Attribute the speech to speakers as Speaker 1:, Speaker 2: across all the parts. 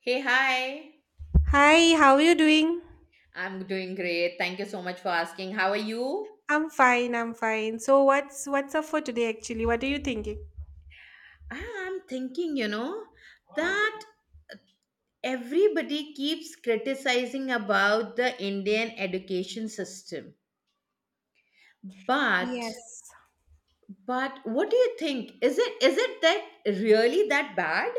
Speaker 1: Hey, hi.
Speaker 2: Hi, how are you doing?
Speaker 1: I'm doing great. Thank you so much for asking. How are you?
Speaker 2: I'm fine, I'm fine. So what's up for today actually? What are you thinking?
Speaker 1: I'm thinking, that everybody keeps criticizing about the Indian education system. But
Speaker 2: Yes.
Speaker 1: but what do you think? Is it that really that bad?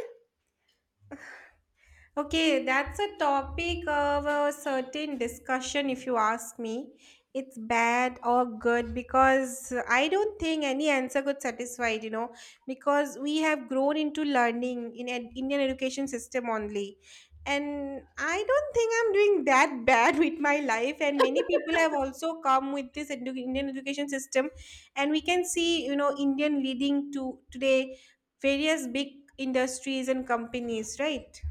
Speaker 2: Okay, that's a topic of a certain discussion, if you ask me. It's bad or good because I don't think any answer could satisfy it, you know, because we have grown into learning in an Indian education system only. And I don't think I'm doing that bad with my life. And many people have also come with this Indian education system. And we can see, you know, Indian leading to today various big industries and companies, right?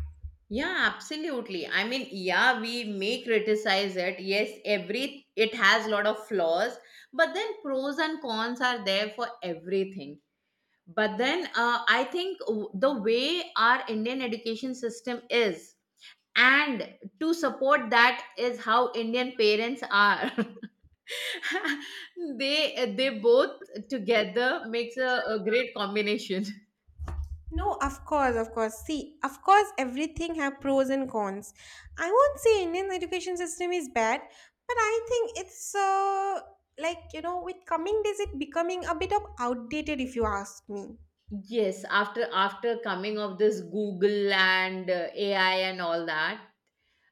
Speaker 1: Yeah, absolutely. I mean, yeah, we may criticize it. Yes, every it has a lot of flaws, but then pros and cons are there for everything but then I think the way our Indian education system is and to support that is how Indian parents are they both together makes a great combination.
Speaker 2: No, of course, of course. See, of course, everything have pros and cons. I won't say Indian education system is bad, but I think it's like you know, with coming days, it becoming a bit of outdated, if you ask me.
Speaker 1: Yes, after coming of this Google and AI and all that,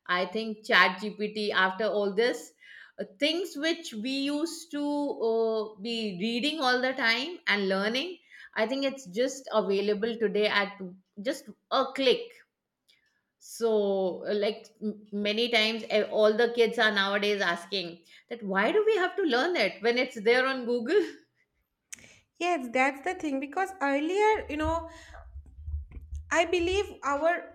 Speaker 1: I think Chat GPT, after all this, things which we used to be reading all the time and learning, I think it's just available today at just a click. So, like many times, all the kids are nowadays asking that why do we have to learn it when it's there on Google?
Speaker 2: Yes, that's the thing because earlier, you know, I believe our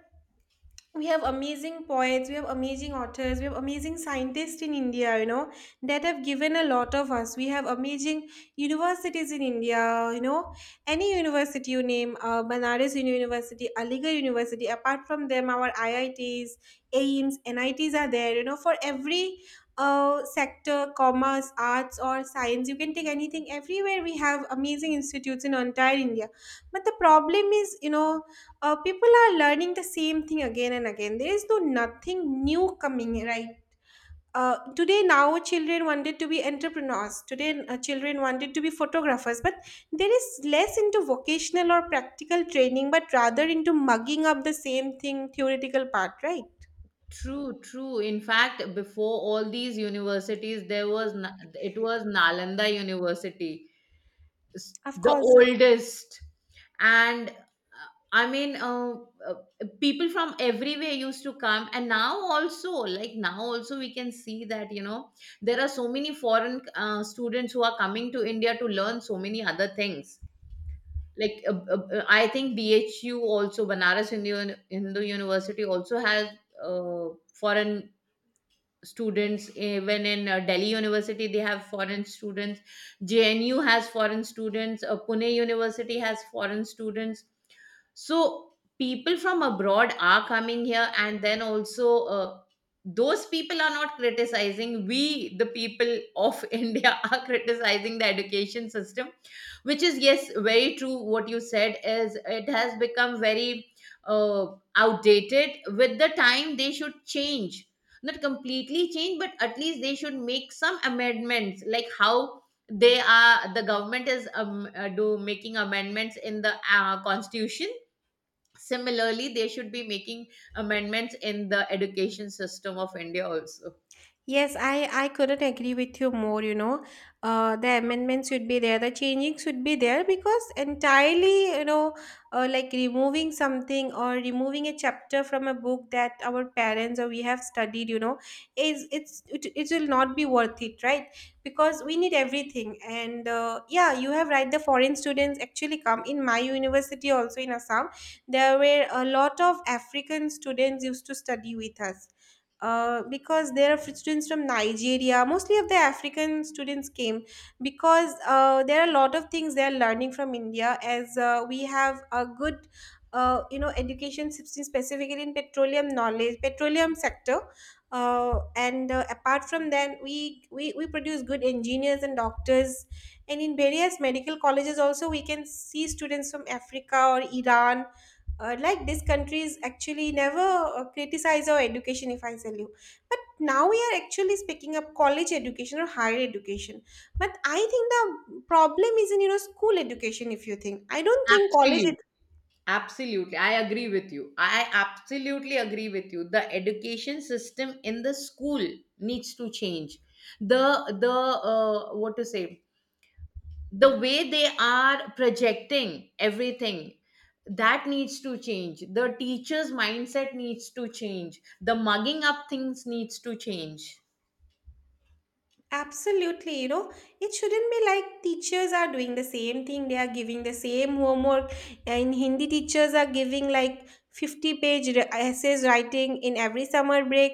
Speaker 2: we have amazing poets, we have amazing authors, we have amazing scientists in India, you know, that have given a lot of us. We have amazing universities in India, you know, any university you name, Banaras University, Aligarh University, apart from them, our IITs, AIMS, NITs are there, you know, for every sector, commerce, arts, or science, you can take anything. Everywhere we have amazing institutes in entire India. But the problem is, you know, people are learning the same thing again and again. There is nothing new coming, right? Today now children wanted to be entrepreneurs, today children wanted to be photographers, but there is less into vocational or practical training but rather into mugging up the same thing theoretical part, right?
Speaker 1: True, true. In fact, before all these universities, there was it was Nalanda University
Speaker 2: Of
Speaker 1: the
Speaker 2: course.
Speaker 1: oldest and I mean uh, people from everywhere used to come and now also, like now also we can see that you know there are so many foreign students who are coming to India to learn so many other things like I think BHU also, Banaras Hindu, Hindu University also has uh, foreign students. Even in Delhi University they have foreign students. JNU has foreign students. Pune University has foreign students. So people from abroad are coming here, and then also those people are not criticizing. We, the people of India, are criticizing the education system, which is, yes, very true. What you said is it has become very uh, outdated. With the time, they should change. Not completely change, but at least they should make some amendments, like how the government is do making amendments in the constitution. Similarly, they should be making amendments in the education system of India also.
Speaker 2: Yes, I couldn't agree with you more, you know. The amendments should be there, the changing should be there because entirely, you know, like removing something or removing a chapter from a book that our parents or we have studied, you know, it will not be worth it, right? Because we need everything. And yeah, you have right. The foreign students actually come in my university also in Assam. There were a lot of African students used to study with us because there are students from Nigeria, mostly of the African students came because there are a lot of things they are learning from India as we have a good, you know, education system specifically in petroleum knowledge, petroleum sector. And Apart from that, we produce good engineers and doctors. And in various medical colleges also, we can see students from Africa or Iran, like these countries actually never criticize our education, if I tell you. But now we are actually speaking up college education or higher education, but I think the problem is in, you know, school education. If you think, I don't think college.
Speaker 1: Absolutely. Absolutely. I agree with you. I absolutely agree with you. The education system in the school needs to change. The what to say? The way they are projecting everything, that needs to change. The teacher's mindset needs to change. The mugging up things needs to change.
Speaker 2: Absolutely, you know, it shouldn't be like teachers are doing the same thing. They are giving the same homework. And Hindi teachers are giving like 50 page essays writing in every summer break.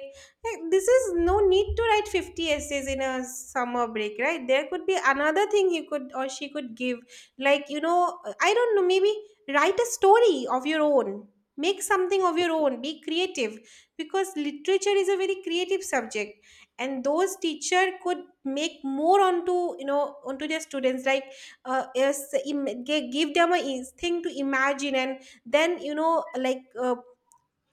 Speaker 2: This is no need to write 50 essays in a summer break, right? There could be another thing he could or she could give. Like, you know, I don't know, maybe write a story of your own. Make something of your own. Be creative because literature is a very creative subject, and those teacher could make more onto, you know, onto their students, like give them a thing to imagine and then, you know, like, uh,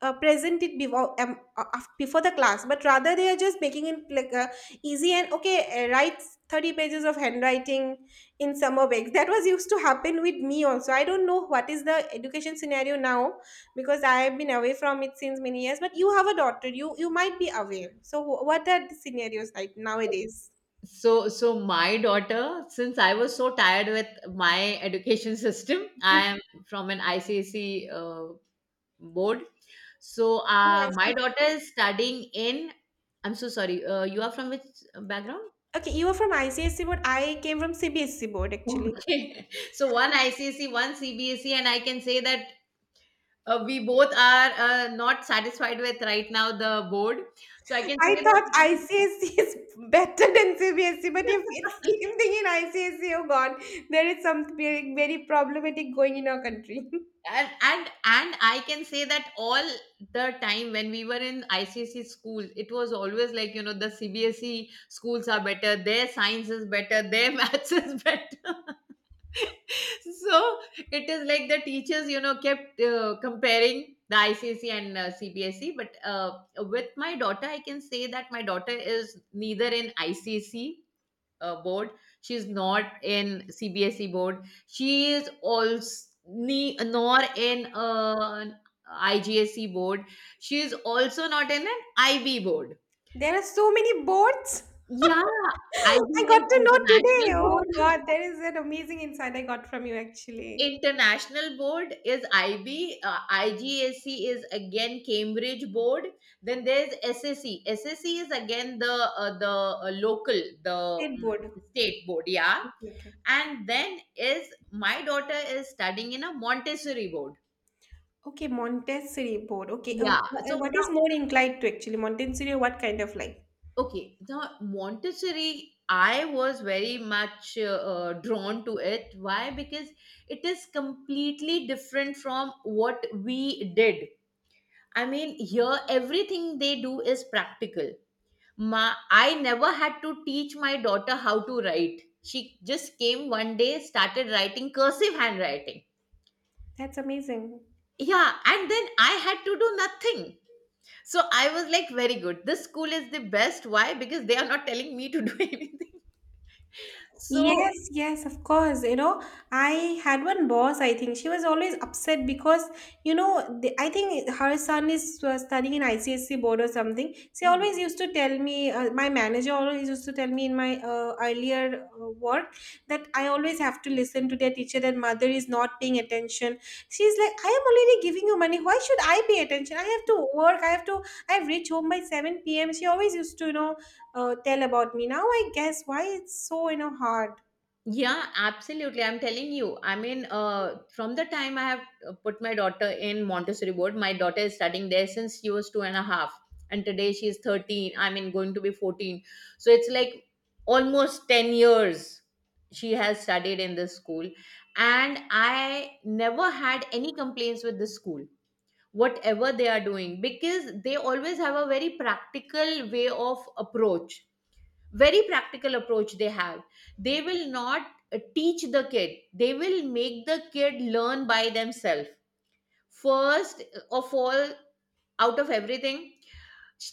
Speaker 2: uh, present it before before the class, but rather they are just making it like easy and okay. Write 30 pages of handwriting in summer breaks that was used to happen with me also. I don't know what is the education scenario now because I have been away from it since many years, but you have a daughter, you might be aware. So what are the scenarios like nowadays?
Speaker 1: So, my daughter, since I was so tired with my education system, I am from an ICSE board. So,
Speaker 2: Oh,
Speaker 1: my
Speaker 2: ICSE
Speaker 1: daughter
Speaker 2: board.
Speaker 1: is studying in. I'm so sorry. You are from which background?
Speaker 2: Okay, you were from ICSE board, I came from CBSC board actually.
Speaker 1: Okay. So one ICSE, one CBSE, and I can say that we both are not satisfied with right now the board. So I can
Speaker 2: I
Speaker 1: say that
Speaker 2: thought ICSE is better than CBSE, but if it's same thing in ICSE, oh God, there is something very, very problematic going in our country.
Speaker 1: and I can say that all the time when we were in ICC school it was always like, you know, the CBSE schools are better, their science is better, their maths is better. So it is like the teachers, you know, kept comparing the ICC and CBSE, but with my daughter I can say that my daughter is neither in ICC board. She's not in CBSE board. She is also nor in an IGSE board. She is also not in an IB board.
Speaker 2: There are so many boards.
Speaker 1: Yeah,
Speaker 2: I
Speaker 1: IB is
Speaker 2: got to know today.
Speaker 1: international
Speaker 2: Oh
Speaker 1: board.
Speaker 2: God, there is an amazing insight I got from you actually.
Speaker 1: International board is IB, IGAC is again Cambridge board. Then there's SSE. SSE is again the local, the
Speaker 2: State
Speaker 1: mm,
Speaker 2: board.
Speaker 1: state board. Yeah,
Speaker 2: Okay, okay.
Speaker 1: and then is my daughter is studying in a Montessori board.
Speaker 2: Okay, Montessori board. Okay,
Speaker 1: Yeah. So
Speaker 2: what
Speaker 1: now,
Speaker 2: is more inclined to actually Montessori? What kind of like?
Speaker 1: okay, now Montessori, I was very much drawn to it. Why? Because it is completely different from what we did. I mean, here everything they do is practical. Ma, I never had to teach my daughter how to write. She just came one day, started writing cursive handwriting.
Speaker 2: That's amazing.
Speaker 1: Yeah, and then I had to do nothing. So I was like, very good. This school is the best. Why? Because they are not telling me to do anything. So
Speaker 2: Yes, yes, of course. You know, I had one boss, I think she was always upset because, you know, I think her son is studying in ICSC board or something. She always used to tell me, my manager always used to tell me in my earlier work that I always have to listen to their teacher that mother is not paying attention. She's like, I am already giving you money. Why should I pay attention? I have to work. I have reached home by 7 p.m. She always used to, you know, tell about me. Now I guess why it's so, you know, hard.
Speaker 1: yeah, absolutely. I'm telling you. I mean, from the time I have put my daughter in Montessori board, my daughter is studying there since she was two and a half, and today she is 13. I mean, going to be 14. So it's like almost 10 years she has studied in this school, and I never had any complaints with this school, whatever they are doing, because they always have a very practical way of approach. Very practical approach they have. They will not teach the kid, they will make the kid learn by themselves. First of all, out of everything,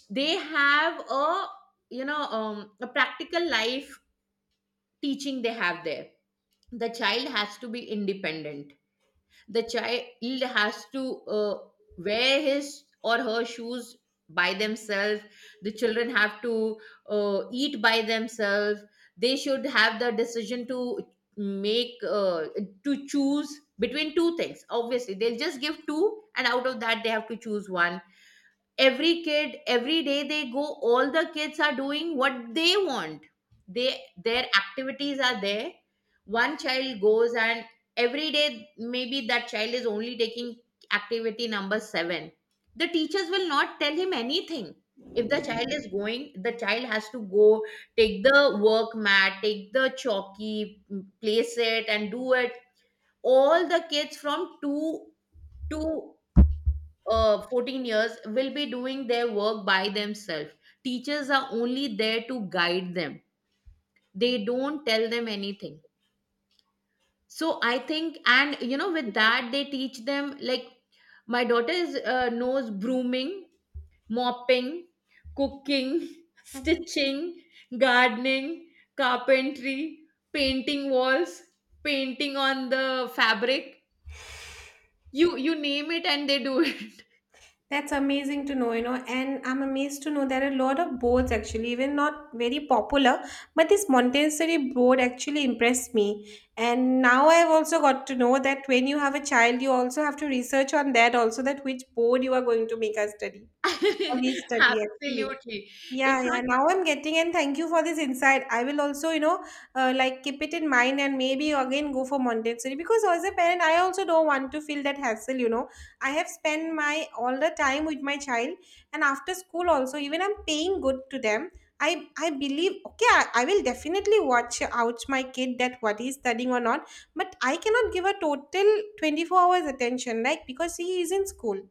Speaker 1: they have a, a practical life teaching they have there. The child has to be independent. The child has to wear his or her shoes by themselves. The children have to eat by themselves. They should have the decision to make, to choose between two things. Obviously, they'll just give two and out of that they have to choose one. Every kid every day they go, all the kids are doing what they want. They, their activities are there. One child goes and every day maybe that child is only taking activity number 7. The teachers will not tell him anything. If the child is going, the child has to go, take the work mat, take the chalky, place it and do it. All the kids from 2 to 14 years will be doing their work by themselves. Teachers are only there to guide them, they don't tell them anything. So I think, and you know, with that, they teach them like my daughter is, knows brooming, mopping, cooking, stitching, gardening, carpentry, painting walls, painting on the fabric. You name it and they do it.
Speaker 2: That's amazing to know, you know, and I'm amazed to know there are a lot of boards actually, even not very popular, but this Montessori board actually impressed me. And now I've also got to know that when you have a child, you also have to research on that also, that which board you are going to make her study or he study actually.
Speaker 1: Absolutely. In
Speaker 2: Yeah, yeah.
Speaker 1: fact,
Speaker 2: Now I'm getting, and thank you for this insight. I will also, you know, like keep it in mind and maybe again go for Montessori because as a parent, I also don't want to feel that hassle. You know, I have spent my all the time with my child, and after school also, even I'm paying good to them. I believe okay, I will definitely watch out my kid that what he's studying or not, but I cannot give a total 24 hours attention like because he is in school.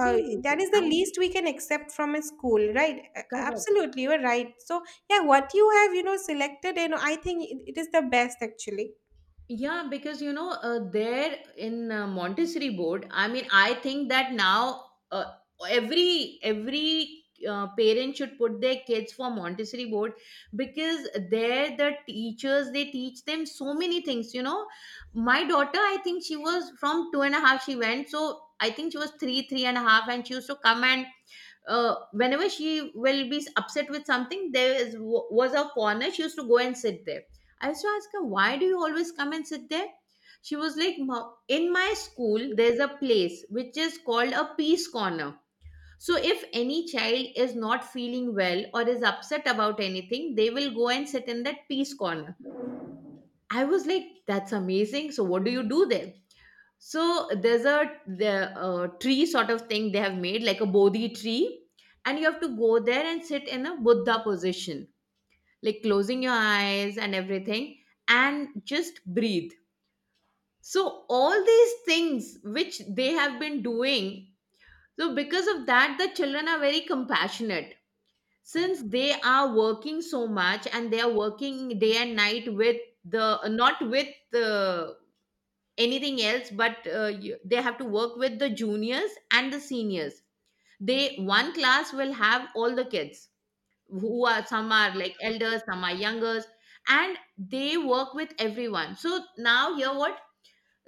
Speaker 2: That is the
Speaker 1: I'm
Speaker 2: least we can accept from a school, right?
Speaker 1: correct.
Speaker 2: Absolutely, you're right. So, yeah, what you have, you know, selected, you know, I think it is the best actually.
Speaker 1: Yeah, because you know, there in Montessori board, I mean, I think that now every parent should put their kids for Montessori board, because there the teachers they teach them so many things. You know, my daughter, I think she was from two and a half. She went, so I think she was three, three and a half, and she used to come and whenever she will be upset with something, was a corner. She used to go and sit there. I used to ask her, why do you always come and sit there? She was like, in my school, there's a place which is called a peace corner. So if any child is not feeling well or is upset about anything, they will go and sit in that peace corner." I was like, that's amazing. So what do you do there? So there's a the tree sort of thing they have made, like a bodhi tree, and you have to go there and sit in a Buddha position, like closing your eyes and everything, and just breathe. So all these things which they have been doing, so because of that, the children are very compassionate, since they are working so much and they are working day and night with the not with the anything else, but they have to work with the juniors and the seniors. They, one class will have all the kids, who, are some are like elders, some are youngers, and they work with everyone. So now here what,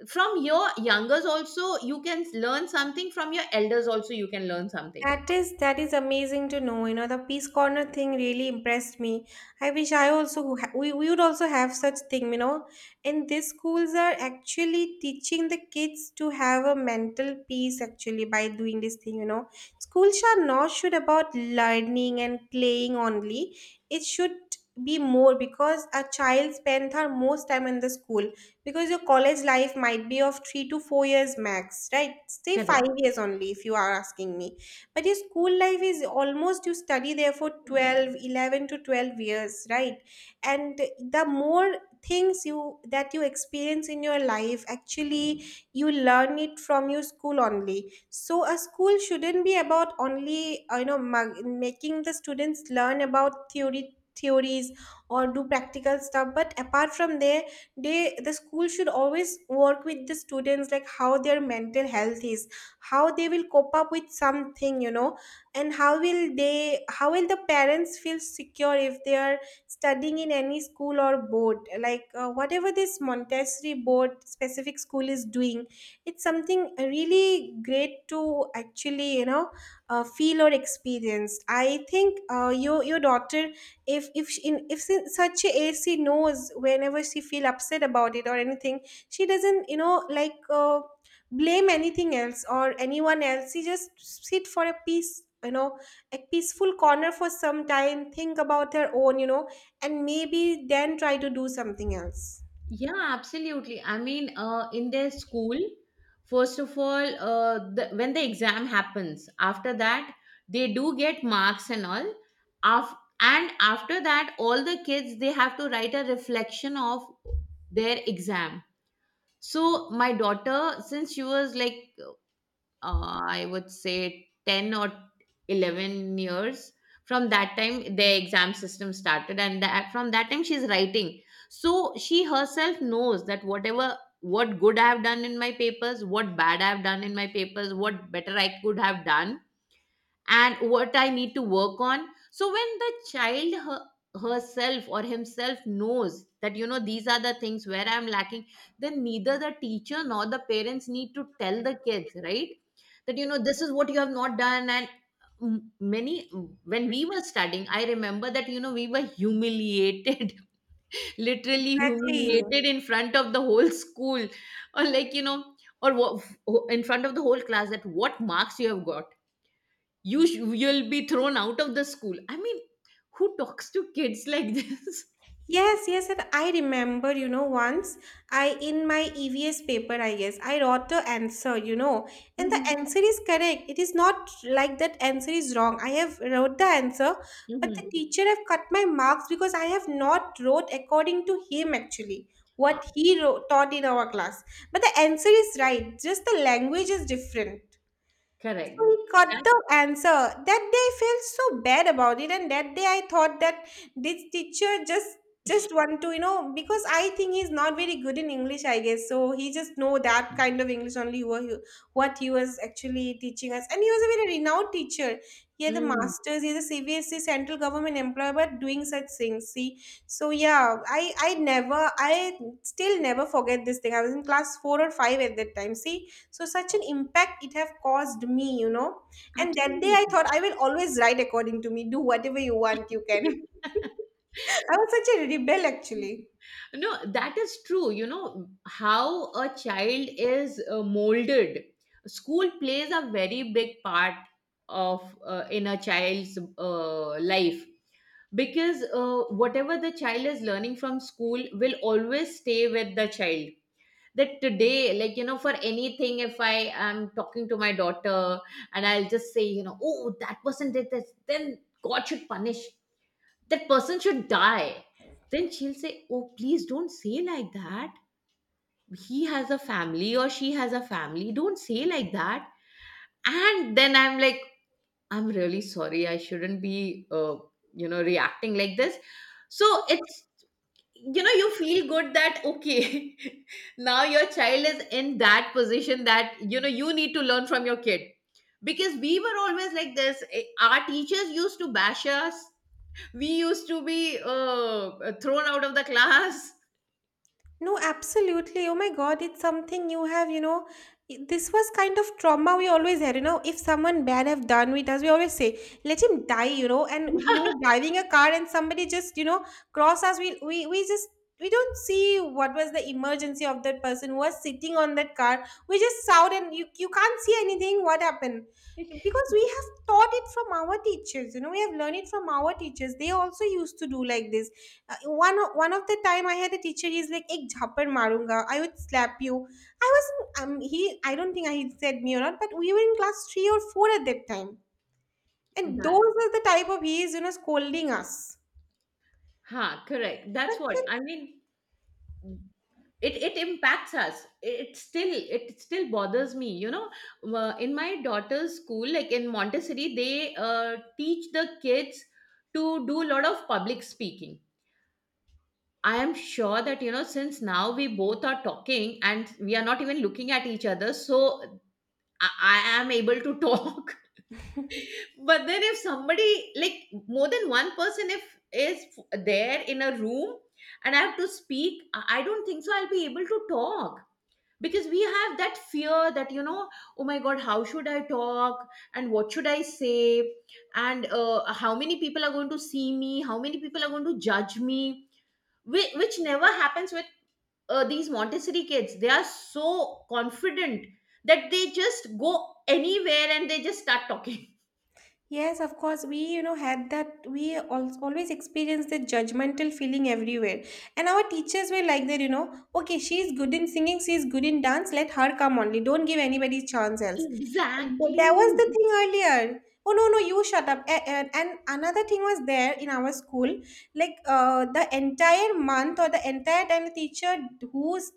Speaker 1: from your youngers also you can learn something, from your elders also you can learn something.
Speaker 2: That is amazing to know. You know, the Peace Corner thing really impressed me. I wish I also we would also have such thing, you know. And these schools are actually teaching the kids to have a mental peace actually by doing this thing, you know. Schools are not should about learning and playing only. It should be more because a child spends her most time in the school because your college life might be of 3 to 4 years max, right? Stay 5 years only if you are asking me, but your school life is almost you study there for 12, 11 to 12 years, right? And the more things you that you experience in your life actually, you learn it from your school only. So a school shouldn't be about only, you know, making the students learn about theory theories or do practical stuff, but apart from there, the school should always work with the students, like how their mental health is, how they will cope up with something, you know, and how will the parents feel secure if they are studying in any school or board, like whatever this Montessori board specific school is doing. It's something really great to actually, you know, feel or experience. I think your daughter, if in such a age she knows, whenever she feel upset about it or anything, she doesn't, you know, like, blame anything else or anyone else. You just sit for a peace, you know, a peaceful corner for some time, think about their own, you know, and maybe then try to do something else.
Speaker 1: Yeah, absolutely. I mean, in their school, first of all, when the exam happens, after that, they do get marks and all. Af- and after that, all the kids, they have to write a reflection of their exam. So my daughter, since she was like I would say 10 or 11 years. From that time, the exam system started, and that, from that time, she's writing. So she herself knows that, whatever, what good I have done in my papers, what bad I have done in my papers, what better I could have done, and what I need to work on. So when the child herself or himself knows that, you know, these are the things where I'm lacking, then neither the teacher nor the parents need to tell the kids, right? That, you know, this is what you have not done. And many, when we were studying, I remember that, you know, we were humiliated literally
Speaker 2: Exactly.
Speaker 1: humiliated in front of the whole school, or like, you know, or wha- in front of the whole class, that what marks you have got, you'll be thrown out of the school. I mean, who talks to kids like this?
Speaker 2: Yes, yes, and I remember, you know, once I in my EVS paper, I guess, I wrote the answer, you know, and the
Speaker 1: Mhm,
Speaker 2: answer is correct. It is not like that answer is wrong. I have wrote the answer, but the
Speaker 1: mhm.
Speaker 2: teacher have cut my marks because I have not wrote according to him actually,
Speaker 1: Ah,
Speaker 2: what he wrote, taught in our class. But the answer is right, just the language is different. So
Speaker 1: correct
Speaker 2: he got
Speaker 1: that,
Speaker 2: the answer. That day I felt so bad about it, and that day I thought that this teacher just want to, you know, because I think he's not very good in English, I guess. So he just know that kind of English only what he was actually teaching us, and he was a very renowned teacher. He had a
Speaker 1: mm,
Speaker 2: master's. He's a CBSC central government employee, but doing such things. See, so yeah, I never I still never forget this thing. I was in class four or five at that time. See, so such an impact it have caused me. And that day I
Speaker 1: absolutely.
Speaker 2: thought I will always write according to me. Do whatever you want you can. I was such a rebel actually.
Speaker 1: No, that is true. You know how a child is molded. School plays a very big part of in a child's life, because whatever the child is learning from school will always stay with the child. That today, like, you know, for anything, if I am talking to my daughter and I'll just say, you know, oh, that person did this, then god should punish, that person should die. Then she'll say, oh, please don't say like that, he has a family or she has a family, don't say like that. And then I'm like, I'm really sorry, I shouldn't be you know, reacting like this. So it's, you know, you feel good that okay, now your child is in that position, that you know, you need to learn from your kid, because we were always like this. Eh, our teachers used to bash us, we used to be thrown out of the class.
Speaker 2: No, absolutely. Oh my God, it's something you have, you know. This was kind of trauma we always had, you know. If someone bad have done with us, we always say, "Let him die," you know. And we were driving a car, and somebody just, you know, cross us. We just we don't see what was the emergency of that person who was sitting on that car. We just shout, and you can't see anything. What happened? Because we have taught it from our teachers, you know. We have learned it from our teachers. They also used to do like this. uh, one of the time I had a teacher. He's like, "Ek jhappar marunga. I would slap you." I wasn't. He. I don't think I he said me or not. But we were in class three or four at that time, and those
Speaker 1: That,
Speaker 2: are the type of he is, you know, scolding us.
Speaker 1: huh, correct,
Speaker 2: Such
Speaker 1: that's what
Speaker 2: a
Speaker 1: I mean. It impacts us, it still, it still bothers me, you know. In my daughter's school, like in Montessori, they teach the kids to do a lot of public speaking. I am sure that, you know, since now we both are talking and we are not even looking at each other, so I am able to talk, but then if somebody, like, more than one person if is there in a room and I have to speak, I don't think so I'll be able to talk, because we have that fear that, you know, oh my god, how should I talk, and what should I say, and how many people are going to see me, how many people are going to judge me, which never happens with these Montessori kids. They are so confident that they just go anywhere and they just start talking.
Speaker 2: yes, of course. We, you know, had that. We always experienced the judgmental feeling everywhere. And our teachers were like that, you know, okay, she's good in singing, she's good in dance, let her come only. Don't give anybody chance else. But that was
Speaker 1: Exactly.
Speaker 2: the thing earlier. Oh, no, no, you shut up. And another thing was there in our school, like the entire month or the entire time the teacher who's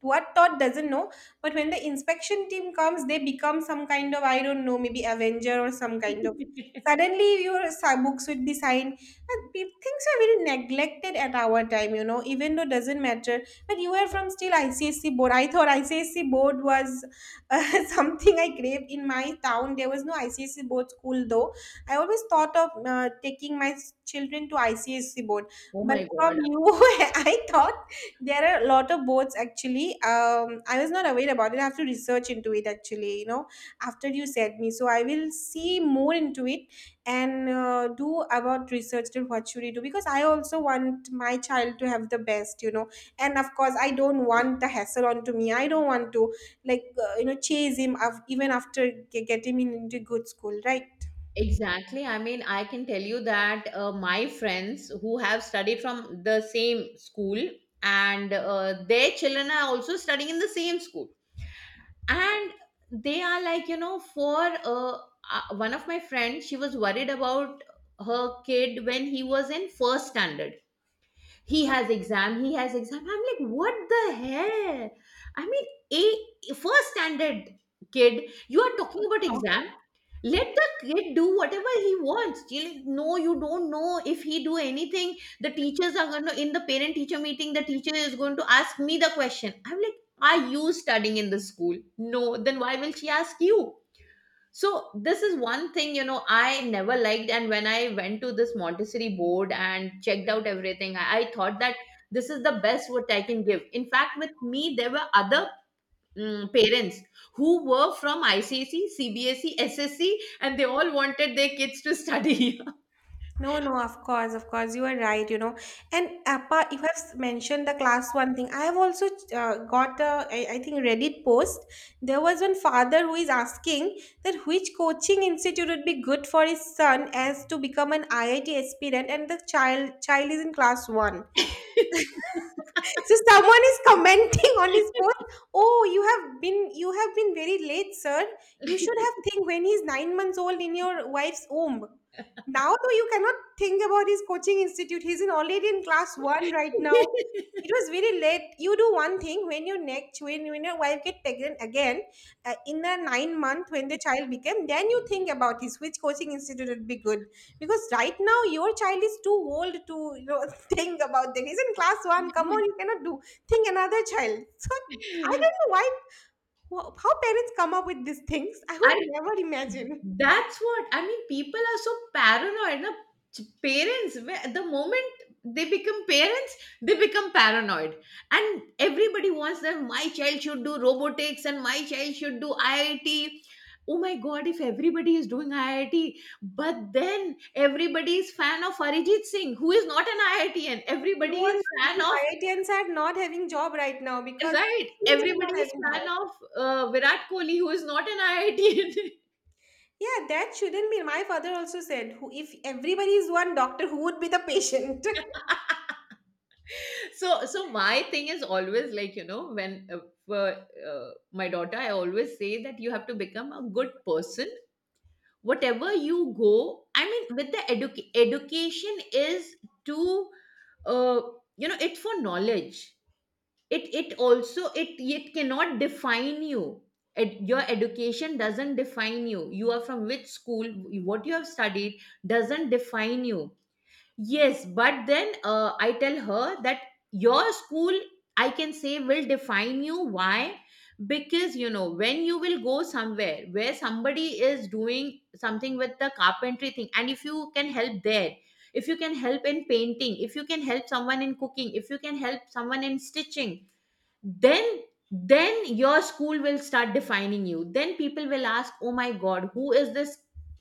Speaker 2: what taught doesn't know. But when the inspection team comes, they become some kind of, I don't know, maybe avenger or some kind of suddenly your books would be signed. But things are very neglected at our time, you know, even though doesn't matter. But you are from still ICSC board. I thought ICSC board was something I craved. In my town there was no ICSC board school though. I always thought of taking my children to ICSC board,
Speaker 1: Oh
Speaker 2: but
Speaker 1: my
Speaker 2: from
Speaker 1: god.
Speaker 2: you I thought there are a lot of boards actually. I was not aware about it. I have to research into it actually, you know, after you said me. So I will see more into it, and do about research and what should you do, because I also want my child to have the best, you know. And of course I don't want the hassle onto me. I don't want to, like, you know, chase him even after getting him into good school, right?
Speaker 1: Exactly. I mean, I can tell you that my friends who have studied from the same school, and their children are also studying in the same school. And they are like, you know, for one of my friends, she was worried about her kid when he was in first standard. He has exam, he has exam. I'm like, what the hell? I mean, a first standard kid, you are talking about exam. Let the kid do whatever he wants. You like, no, you don't know, if he do anything, the teachers are going to, in the parent teacher meeting the teacher is going to ask me the question. I'm like, are you studying in the school? No, then why will she ask you? So this is one thing, you know, I never liked. And when I went to this Montessori board and checked out everything, I thought that this is the best what I can give. In fact, with me there were other mm, parents who were from ICC, CBSE, SSC, and they all wanted their kids to study.
Speaker 2: No, no, of course, you are right, you know. And apart, you have mentioned the class one thing. I have also got a, I think, Reddit post. There was one father who is asking that which coaching institute would be good for his son as to become an IIT aspirant, and the child is in class one. So someone is commenting on his post: oh, you have been very late, sir. You should have think when he's 9 months old in your wife's womb. Now though, you cannot think about his coaching institute. He's in already in class one right now. It was very late. You do one thing, when your next, when your wife get pregnant again, in the 9 month when the child became, then you think about his which coaching institute would be good, because right now your child is too old to, you know, think about that. He's in class one. Come on, you cannot do think another child. So I don't know why, how parents come up with these things. I would
Speaker 1: I
Speaker 2: never imagine.
Speaker 1: That's what I mean. People are so paranoid. Na? Parents, the moment they become parents, they become paranoid, and everybody wants that my child should do robotics and my child should do IIT. Oh my God! If everybody is doing IIT, but then everybody is fan of Arijit Singh, who is not an IITian.
Speaker 2: No
Speaker 1: Everybody
Speaker 2: one.
Speaker 1: is fan of,
Speaker 2: IITians are not having job right now, because
Speaker 1: right.
Speaker 2: actually they are not
Speaker 1: Everybody is
Speaker 2: having job.
Speaker 1: fan of Virat Kohli, who is not an IITian.
Speaker 2: Yeah, that shouldn't be. My father also said, who, if everybody is one doctor, who would be the patient?
Speaker 1: So so my thing is always like, you know, when for my daughter I always say that you have to become a good person, whatever you go. I mean, with the education is to uh, you know, it's for knowledge. It it also, it cannot define you. Your education doesn't define you, you are from which school, what you have studied doesn't define you. Yes, but then I tell her that your school, I can say, will define you. Why? Because, you know, when you will go somewhere where somebody is doing something with the carpentry thing, and if you can help there, if you can help in painting, if you can help someone in cooking, if you can help someone in stitching, then then your school will start defining you. Then people will ask, oh my god, who is this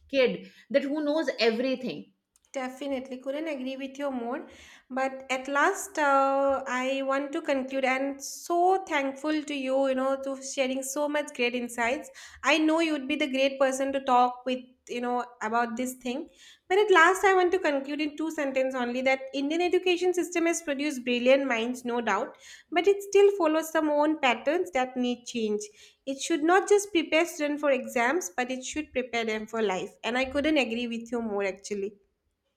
Speaker 1: kid that who knows everything.
Speaker 2: Definitely, couldn't agree with you more. But at last, I want to conclude, and so thankful to you, you know, to sharing so much great insights. I know you'd be the great person to talk with, you know, about this thing. But at last, I want to conclude in two sentences only that Indian education system has produced brilliant minds, no doubt, but it still follows some own patterns that need change. It should not just prepare students for exams, but it should prepare them for life. And I couldn't agree with you more actually.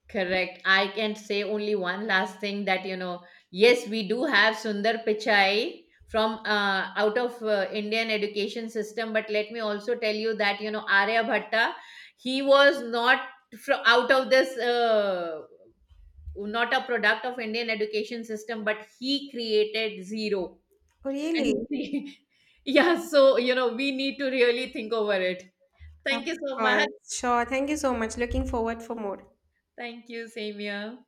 Speaker 1: Correct. I can say only one last thing that, you know, yes, we do have Sundar Pichai from out of Indian education system, but let me also tell you that, you know, Arya Bhatta, he was not from out of this not a product of Indian education system, but he created zero. And
Speaker 2: Really?
Speaker 1: he, yeah, so you know we need to really think over it.
Speaker 2: Of
Speaker 1: Thank you so
Speaker 2: course.
Speaker 1: much.
Speaker 2: Sure. Thank you so much. Looking forward for more.
Speaker 1: Thank you, Samia.